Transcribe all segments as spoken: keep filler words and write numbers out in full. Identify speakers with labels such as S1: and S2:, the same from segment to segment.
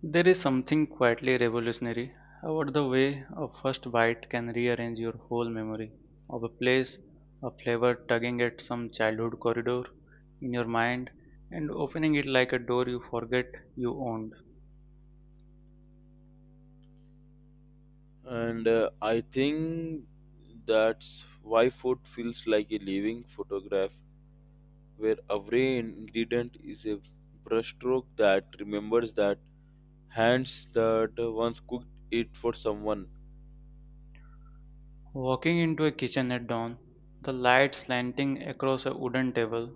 S1: There is something quietly revolutionary about the way a first bite can rearrange your whole memory of a place, a flavor tugging at some childhood corridor in your mind and opening it like a door you forget you owned.
S2: And uh, I think that's why food feels like a living photograph where every ingredient is a brushstroke that remembers that hands that once cooked it for someone.
S1: Walking into a kitchen at dawn, the light slanting across a wooden table,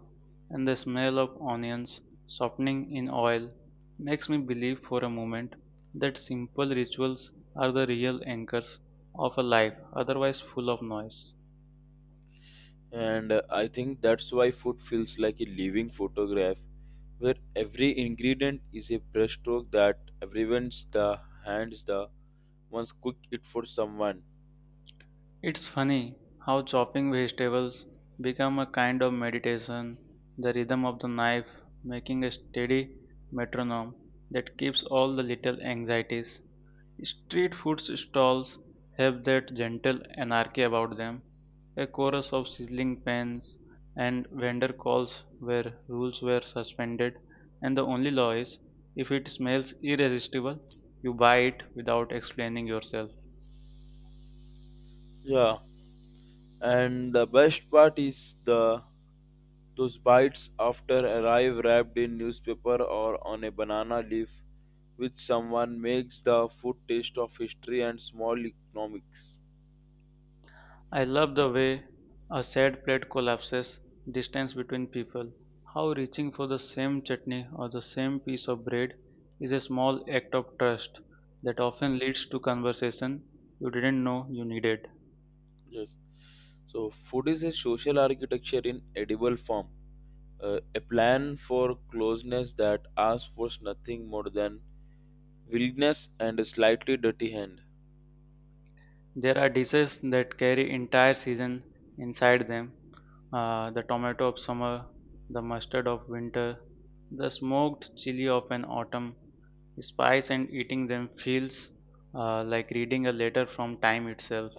S1: and the smell of onions softening in oil makes me believe for a moment that simple rituals are the real anchors of a life otherwise full of noise.
S2: And uh, I think that's why food feels like a living photograph where every ingredient is a brushstroke that everyone's the hands the once cooked it for someone.
S1: It's funny how chopping vegetables become a kind of meditation, the rhythm of the knife making a steady metronome that keeps all the little anxieties. Street food stalls have that gentle anarchy about them, a chorus of sizzling pans and vendor calls where rules were suspended, and the only law is, if it smells irresistible, you buy it without explaining yourself.
S2: Yeah, and the best part is the those bites after arrive wrapped in newspaper or on a banana leaf, which someone makes the food taste of history and small economics.
S1: I love the way a sad plate collapses, distance between people. How reaching for the same chutney or the same piece of bread is a small act of trust that often leads to conversation you didn't know you needed.
S2: Yes. So, food is a social architecture in edible form, uh, a plan for closeness that asks for nothing more than willingness and a slightly dirty hand.
S1: There are dishes that carry entire season inside them, uh, the tomato of summer, the mustard of winter, the smoked chili of an autumn. Spice and eating them feels, uh, like reading a letter from time itself.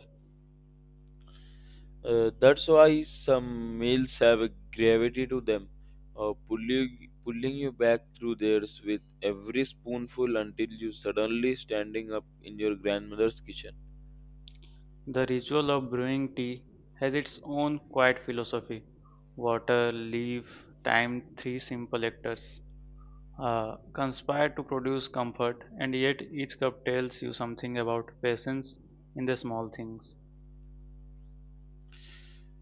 S2: Uh, that's why some males have a gravity to them, uh, pulling, pulling you back through theirs with every spoonful until you suddenly standing up in your grandmother's kitchen.
S1: The ritual of brewing tea has its own quiet philosophy. Water, leaf, time, three simple actors uh, conspire to produce comfort, and yet each cup tells you something about patience in the small things.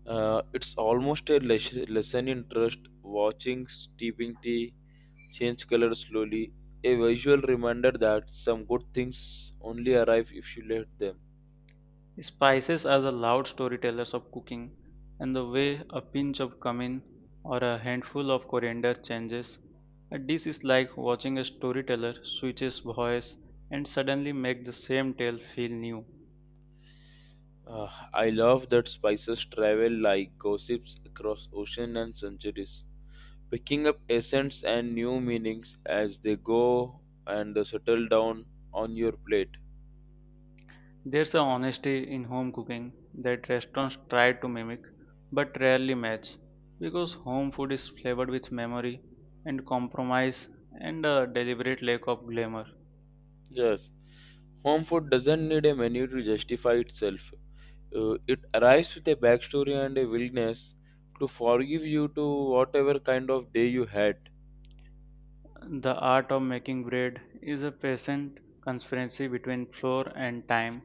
S2: Uh, it's almost a les- lesson in trust, watching steeping tea change color slowly, a visual reminder that some good things only arrive if you let them.
S1: Spices are the loud storytellers of cooking, and the way a pinch of cumin or a handful of coriander changes. A dish is like watching a storyteller switch his voice and suddenly make the same tale feel new.
S2: Uh, I love that spices travel like gossips across ocean and centuries, picking up essence and new meanings as they go and they settle down on your plate.
S1: There's a honesty in home cooking that restaurants try to mimic but rarely match because home food is flavored with memory and compromise and a deliberate lack of glamour.
S2: Yes, home food doesn't need a menu to justify itself. Uh, it arrives with a backstory and a willingness to forgive you to whatever kind of day you had.
S1: The art of making bread is a patient conspiracy between flour and time,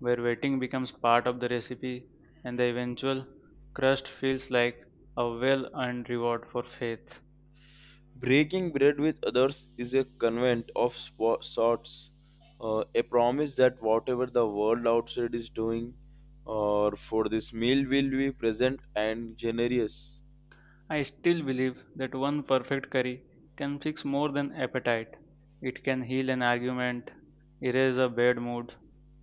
S1: where waiting becomes part of the recipe and the eventual crust feels like a well earned reward for faith.
S2: Breaking bread with others is a covenant of spo- sorts, uh, a promise that whatever the world outside is doing, or for this meal will be present and generous.
S1: I still believe that one perfect curry can fix more than appetite. It can heal an argument, erase a bad mood,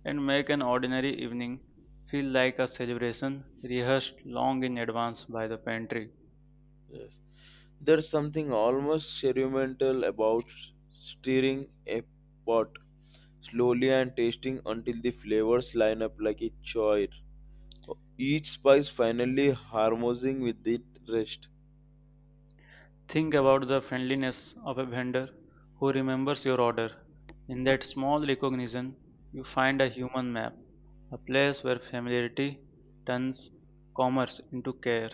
S1: and make an ordinary evening feel like a celebration rehearsed long in advance by the pantry.
S2: Yes. There's something almost ceremonial about stirring a pot slowly and tasting until the flavors line up like a choir, each spice finally harmonizing with the rest.
S1: Think about the friendliness of a vendor who remembers your order. In that small recognition, you find a human map, a place where familiarity turns commerce into care.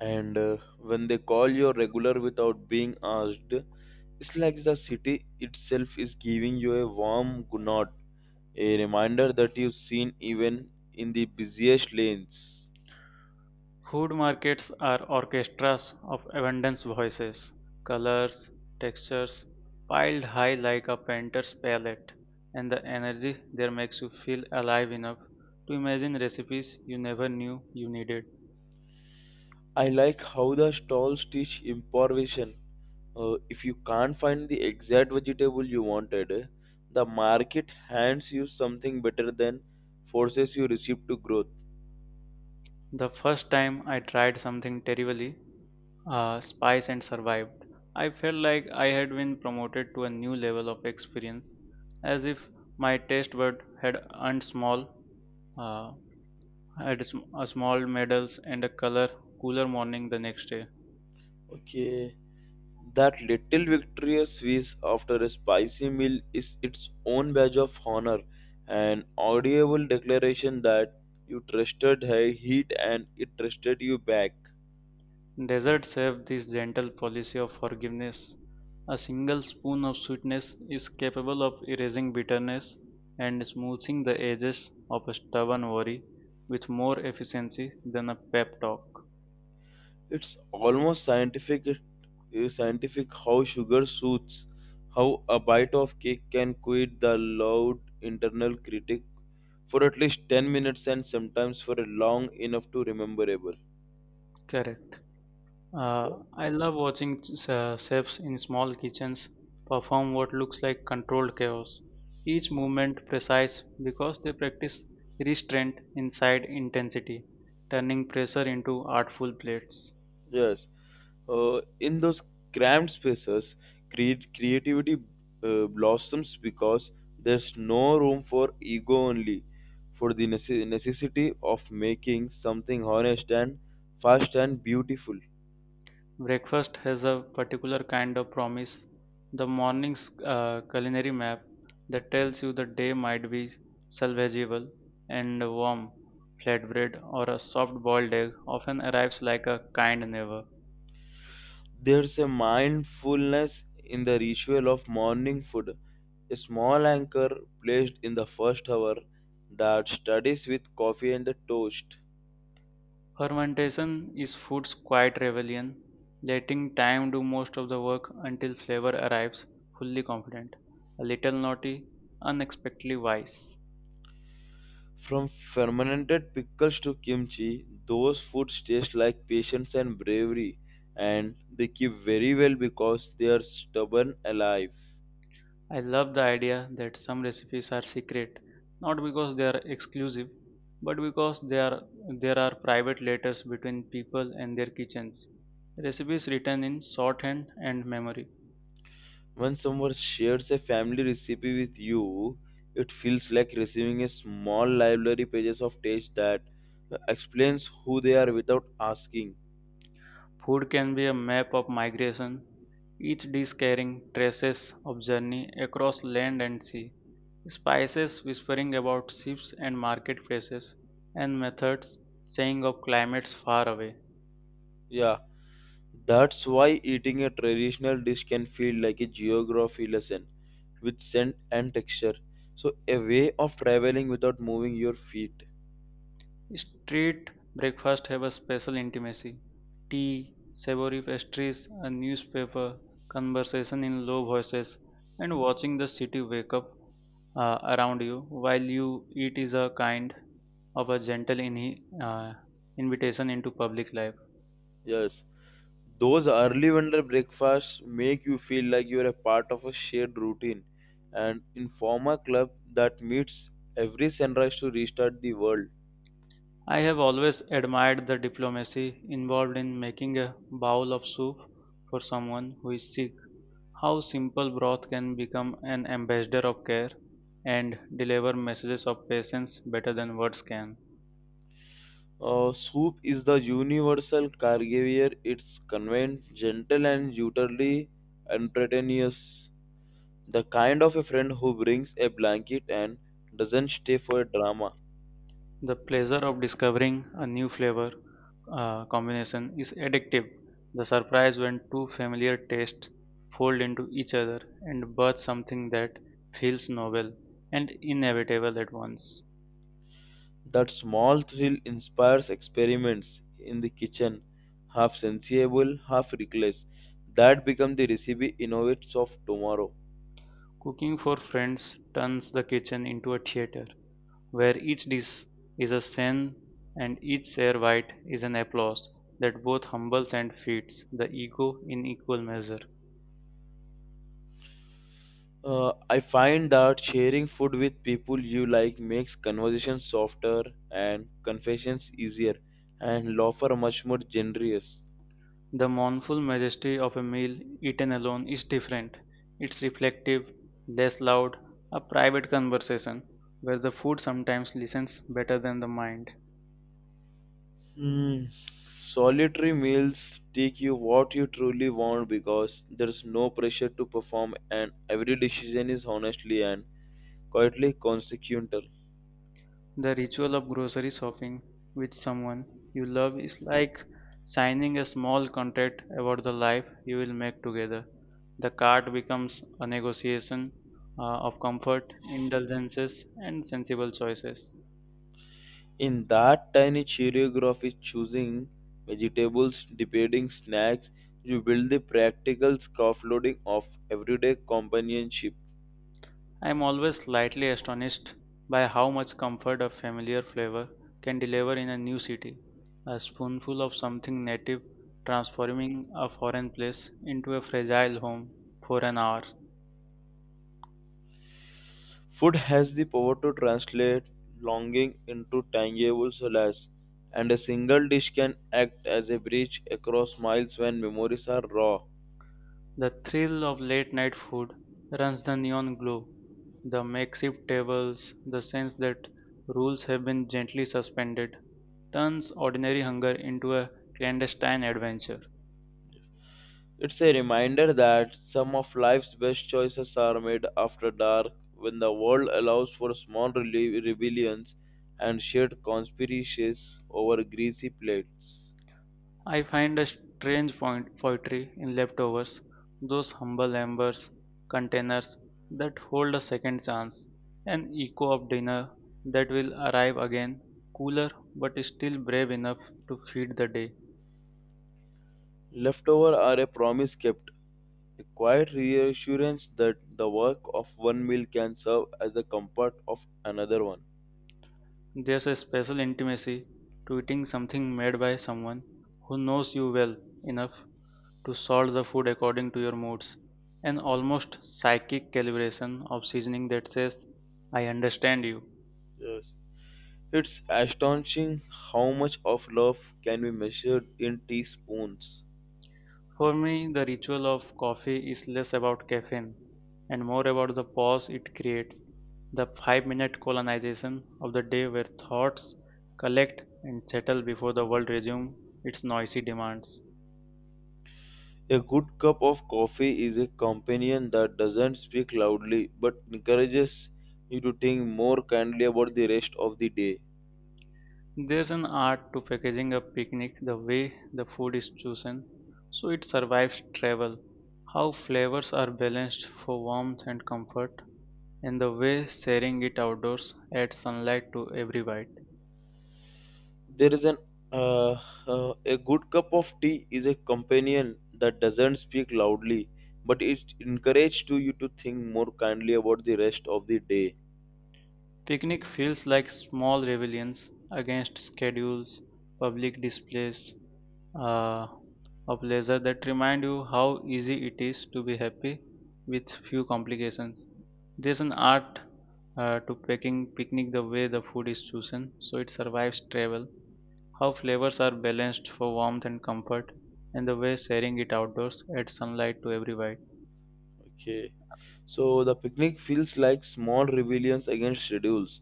S2: And uh, When they call you regular without being asked, it's like the city itself is giving you a warm good nod, a reminder that you've seen even in the busiest lanes.
S1: Food markets are orchestras of abundance voices, colors, textures, piled high like a painter's palette, and the energy there makes you feel alive enough to imagine recipes you never knew you needed.
S2: I like how the stalls teach improvisation. Uh, if you can't find the exact vegetable you wanted, eh, the market hands you something better than forces your recipe to growth.
S1: The first time I tried something terribly, uh, spice and survived, I felt like I had been promoted to a new level of experience, as if my taste bud had earned small, uh, had sm- a small medals and a color cooler morning the next day.
S2: Okay, that little victorious whiz after a spicy meal is its own badge of honor, an audible declaration that you trusted her heat and it trusted you back.
S1: Deserts have this gentle policy of forgiveness. A single spoon of sweetness is capable of erasing bitterness and smoothing the edges of a stubborn worry with more efficiency than a pep talk.
S2: It's almost scientific uh, scientific how sugar suits, how a bite of cake can quit the loud internal critic for at least ten minutes and sometimes for a long enough to rememberable.
S1: Correct.
S2: Yeah.
S1: Uh, I love watching, uh, chefs in small kitchens perform what looks like controlled chaos. Each movement precise because they practice restraint inside intensity, turning pressure into artful plates.
S2: Yes. Uh, in those cramped spaces, create, creativity uh, blossoms because there's no room for ego only, for the necess- necessity of making something honest and fast and beautiful.
S1: Breakfast has a particular kind of promise, the morning's uh, culinary map that tells you the day might be salvageable, and a warm flatbread or a soft boiled egg often arrives like a kind neighbor.
S2: There's a mindfulness in the ritual of morning food, a small anchor placed in the first hour that studies with coffee and the toast.
S1: Fermentation is food's quiet rebellion, letting time do most of the work until flavor arrives fully confident, a little naughty, unexpectedly wise.
S2: From fermented pickles to kimchi, those foods taste like patience and bravery, and they keep very well because they are stubborn alive.
S1: I love the idea that some recipes are secret, not because they are exclusive, but because they are, there are private letters between people and their kitchens. Recipes written in shorthand and memory.
S2: When someone shares a family recipe with you, it feels like receiving a small library pages of text that explains who they are without asking.
S1: Food can be a map of migration, each dish carrying traces of journey across land and sea, spices whispering about ships and marketplaces, and methods saying of climates far away.
S2: Yeah, that's why eating a traditional dish can feel like a geography lesson with scent and texture. So, a way of traveling without moving your feet.
S1: Street breakfast have a special intimacy. Tea, savory pastries, a newspaper, conversation in low voices, and watching the city wake up uh, around you while you eat is a kind of a gentle in, uh, invitation into public life.
S2: Yes, those early vendor breakfasts make you feel like you're a part of a shared routine and informal club that meets every sunrise to restart the world.
S1: I have always admired the diplomacy involved in making a bowl of soup for someone who is sick. How simple broth can become an ambassador of care and deliver messages of patience better than words can.
S2: Uh, soup is the universal caregiver. It's convenient, gentle, and utterly unpretentious. The kind of a friend who brings a blanket and doesn't stay for drama.
S1: The pleasure of discovering a new flavor uh, combination is addictive. The surprise when two familiar tastes fold into each other and birth something that feels novel and inevitable at once.
S2: That small thrill inspires experiments in the kitchen, half sensible, half reckless. That becomes the recipe innovates of tomorrow.
S1: Cooking for friends turns the kitchen into a theater, where each dish is a scene and each share bite is an applause that both humbles and feeds the ego in equal measure.
S2: Uh, I find that sharing food with people you like makes conversations softer and confessions easier, and laughter much more generous.
S1: The mournful majesty of a meal eaten alone is different. It's reflective, less loud, a private conversation where the food sometimes listens better than the mind.
S2: Hmm. Solitary meals teach you what you truly want because there's no pressure to perform, and every decision is honestly and quietly consequential.
S1: The ritual of grocery shopping with someone you love is like signing a small contract about the life you will make together. The card becomes a negotiation uh, of comfort, indulgences, and sensible choices.
S2: In that tiny choreography, choosing vegetables, debating snacks, you build the practical scaffolding of everyday companionship.
S1: I am always slightly astonished by how much comfort a familiar flavor can deliver in a new city. A spoonful of something native transforming a foreign place into a fragile home for an hour.
S2: Food has the power to translate longing into tangible solace, and a single dish can act as a bridge across miles when memories are raw.
S1: The thrill of late-night food runs the neon glow, the makeshift tables, the sense that rules have been gently suspended, turns ordinary hunger into a clandestine adventure.
S2: It's a reminder that some of life's best choices are made after dark when the world allows for small rele- rebellions and shared conspiracies over greasy plates.
S1: I find a strange point poetry in leftovers, those humble embers, containers that hold a second chance, an echo of dinner that will arrive again, cooler but still brave enough to feed the day.
S2: Leftovers are a promise kept, a quiet reassurance that the work of one meal can serve as the comfort of another one.
S1: There's a special intimacy to eating something made by someone who knows you well enough to salt the food according to your moods, an almost psychic calibration of seasoning that says, I understand you.
S2: Yes. It's astonishing how much of love can be measured in teaspoons.
S1: For me, the ritual of coffee is less about caffeine and more about the pause it creates, the five minute colonization of the day where thoughts collect and settle before the world resumes its noisy demands.
S2: A good cup of coffee is a companion that doesn't speak loudly but encourages you to think more kindly about the rest of the day.
S1: There's an art to packaging a picnic, the way the food is chosen so it survives travel, how flavors are balanced for warmth and comfort, and the way sharing it outdoors adds sunlight to every bite.
S2: There is an uh, uh, a good cup of tea is a companion that doesn't speak loudly but it encourages to you to think more kindly about the rest of the day.
S1: Picnic feels like small rebellions against schedules, public displays, uh, of leisure that remind you how easy it is to be happy with few complications. There's an art, uh, to packing picnic the way the food is chosen so it survives travel, how flavors are balanced for warmth and comfort, and the way sharing it outdoors adds sunlight to every bite.
S2: Okay. So the picnic feels like small rebellions against schedules,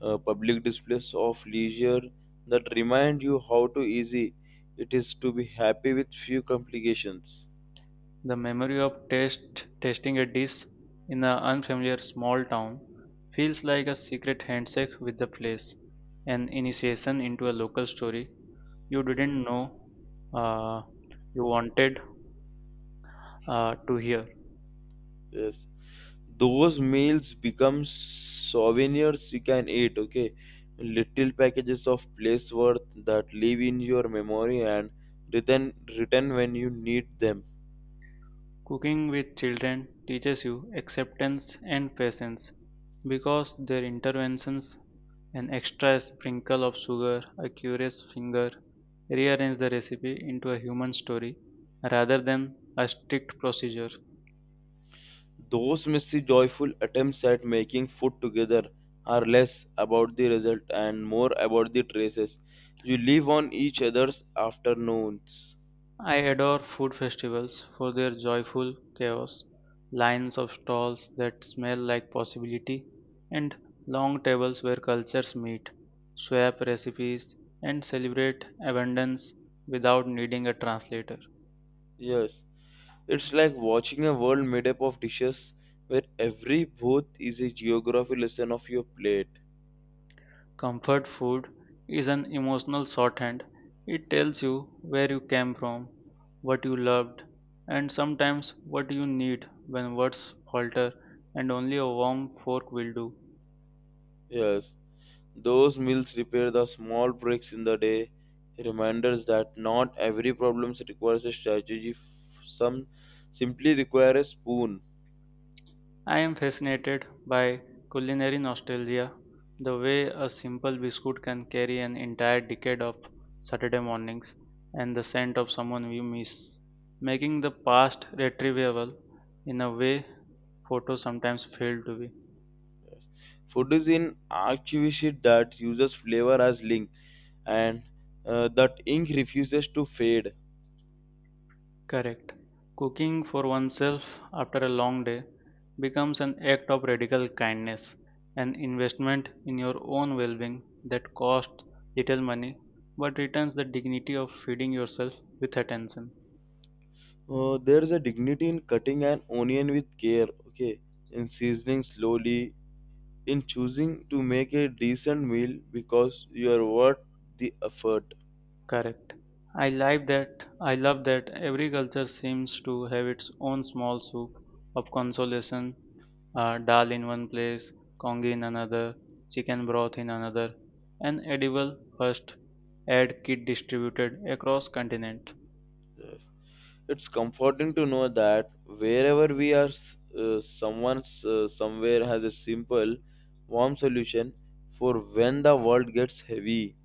S2: uh, public displays of leisure that remind you how too easy it is to be happy with few complications.
S1: The memory of taste tasting a dish in an unfamiliar small town feels like a secret handshake with the place, an initiation into a local story you didn't know, uh, you wanted, uh, to hear.
S2: Yes, those meals become souvenirs you can eat. Okay, little packages of place worth that live in your memory and return return when you need them.
S1: Cooking with children teaches you acceptance and patience because their interventions, an extra sprinkle of sugar, a curious finger, rearrange the recipe into a human story rather than a strict procedure.
S2: Those messy, joyful attempts at making food together are less about the result and more about the traces you leave on each other's afternoons.
S1: I adore food festivals for their joyful chaos, lines of stalls that smell like possibility, and long tables where cultures meet, swap recipes, and celebrate abundance without needing a translator.
S2: Yes, it's like watching a world made up of dishes where every booth is a geography lesson of your plate.
S1: Comfort food is an emotional shorthand. It tells you where you came from, what you loved, and sometimes what you need when words falter and only a warm fork will do.
S2: Yes, those meals repair the small breaks in the day, reminders that not every problem requires a strategy, f- some simply require a spoon.
S1: I am fascinated by culinary nostalgia, the way a simple biscuit can carry an entire decade of Saturday mornings and the scent of someone we miss, making the past retrievable in a way photos sometimes fail to be.
S2: Food is an activity that uses flavor as link and uh, that ink refuses to fade.
S1: Correct. Cooking for oneself after a long day becomes an act of radical kindness, an investment in your own well being that costs little money but returns the dignity of feeding yourself with attention.
S2: Uh, there is a dignity in cutting an onion with care, okay, in seasoning slowly, in choosing to make a decent meal because you are worth the effort.
S1: Correct. I like that. I love that every culture seems to have its own small soup of consolation, uh, dal in one place, congee in another, chicken broth in another, and edible first aid kit distributed across continent.
S2: Yes. It's comforting to know that wherever we are, s- uh, someone's uh, somewhere has a simple, warm solution for when the world gets heavy.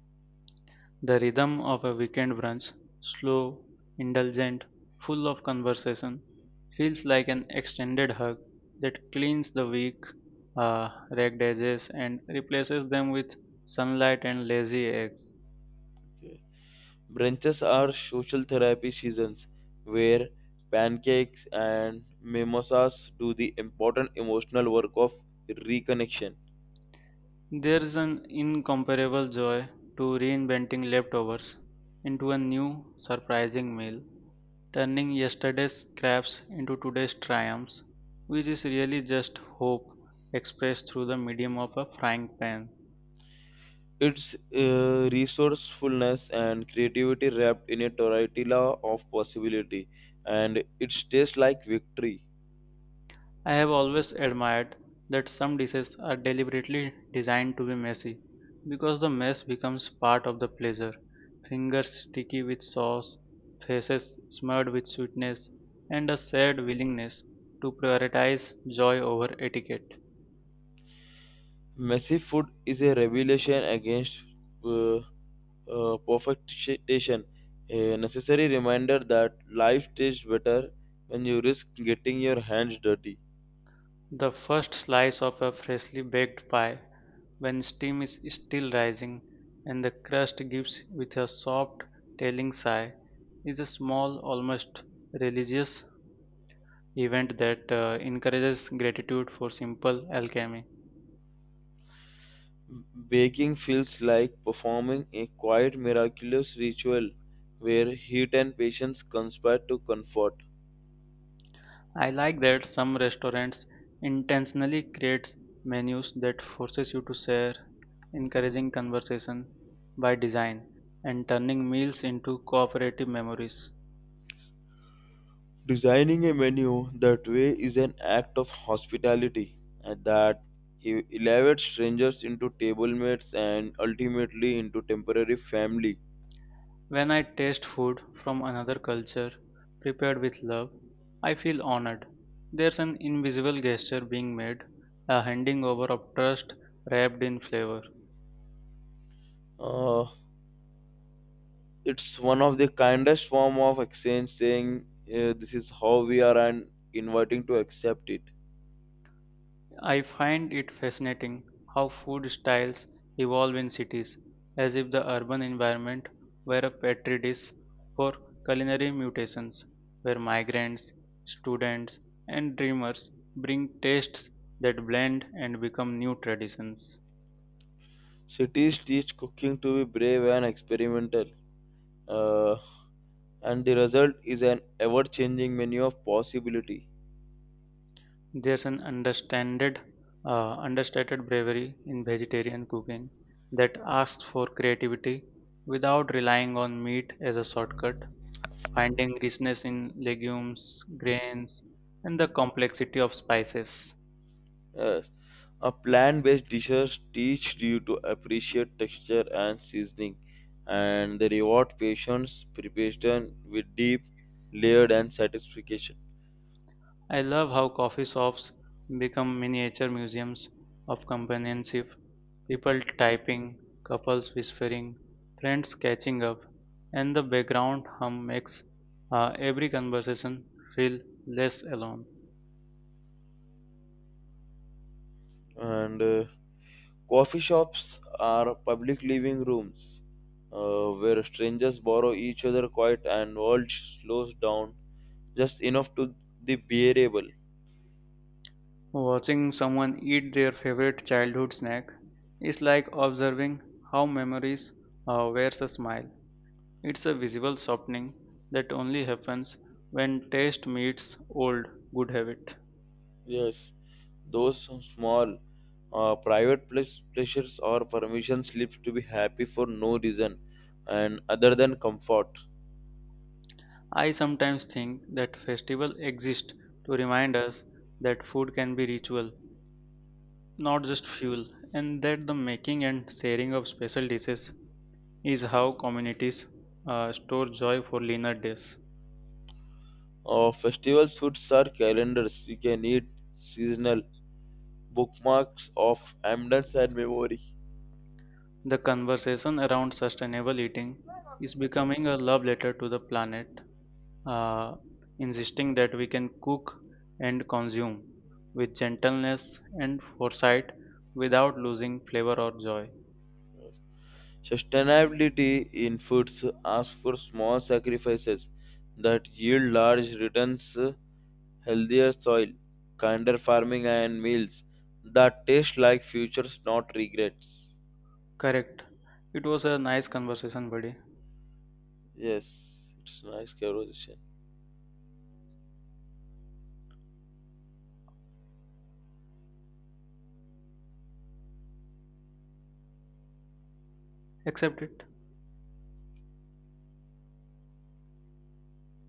S1: The rhythm of a weekend brunch, slow, indulgent, full of conversation, feels like an extended hug that cleans the weak, uh, ragged edges and replaces them with sunlight and lazy eggs.
S2: Brunches are social therapy seasons where pancakes and mimosas do the important emotional work of reconnection.
S1: There's an incomparable joy to reinventing leftovers into a new, surprising meal, turning yesterday's scraps into today's triumphs, which is really just hope expressed through the medium of a frying pan.
S2: It's uh, resourcefulness and creativity wrapped in a tortilla of possibility, and it tastes like victory.
S1: I have always admired that some dishes are deliberately designed to be messy because the mess becomes part of the pleasure. Fingers sticky with sauce, faces smeared with sweetness, and a shared willingness to prioritize joy over etiquette.
S2: Messy food is a revelation against uh, uh, perfection, a necessary reminder that life tastes better when you risk getting your hands dirty.
S1: The first slice of a freshly baked pie, when steam is still rising and the crust gives with a soft, telling sigh, is a small, almost religious event that uh, encourages gratitude for simple alchemy.
S2: Baking feels like performing a quiet, miraculous ritual where heat and patience conspire to comfort.
S1: I like that some restaurants intentionally creates menus that forces you to share, encouraging conversation by design and turning meals into cooperative memories.
S2: Designing a menu that way is an act of hospitality and that e- elevates strangers into table mates and ultimately into temporary family.
S1: When I taste food from another culture prepared with love, I feel honored. There's an invisible gesture being made, a handing over of trust wrapped in flavor.
S2: Uh, it's one of the kindest form of exchange saying uh, this is how we are and inviting to accept it.
S1: I find it fascinating how food styles evolve in cities, as if the urban environment were a petri dish for culinary mutations, where migrants, students, and dreamers bring tastes that blend and become new traditions.
S2: Cities teach cooking to be brave and experimental, uh, and the result is an ever-changing menu of possibility.
S1: There's an understanded, uh, understated bravery in vegetarian cooking that asks for creativity without relying on meat as a shortcut, finding richness in legumes, grains, and the complexity of spices.
S2: Yes, a plant-based dishes teach you to appreciate texture and seasoning, and they reward patience, preparation with deep, layered, and satisfaction.
S1: I love how coffee shops become miniature museums of companionship, people typing, couples whispering, friends catching up, and the background hum makes uh, every conversation feel less alone.
S2: And uh, Coffee shops are public living rooms uh, where strangers borrow each other quiet and world slows down just enough to be bearable.
S1: Watching someone eat their favorite childhood snack is like observing how memories uh, wears a smile. It's a visible softening that only happens when taste meets old good habit.
S2: Yes, those small uh, private ple- pleasures or permission slips to be happy for no reason and other than comfort.
S1: I sometimes think that festivals exist to remind us that food can be ritual, not just fuel, and that the making and sharing of special dishes is how communities uh, store joy for leaner days.
S2: Uh, festival foods are calendars. You can eat seasonal bookmarks of abundance and memory.
S1: The conversation around sustainable eating is becoming a love letter to the planet, uh, insisting that we can cook and consume with gentleness and foresight without losing flavor or joy.
S2: Sustainability in foods asks for small sacrifices that yield large returns, healthier soil, kinder farming, and meals that taste like futures, not regrets.
S1: Correct. It was a nice conversation, buddy.
S2: Yes, it's a nice conversation.
S1: Accept it.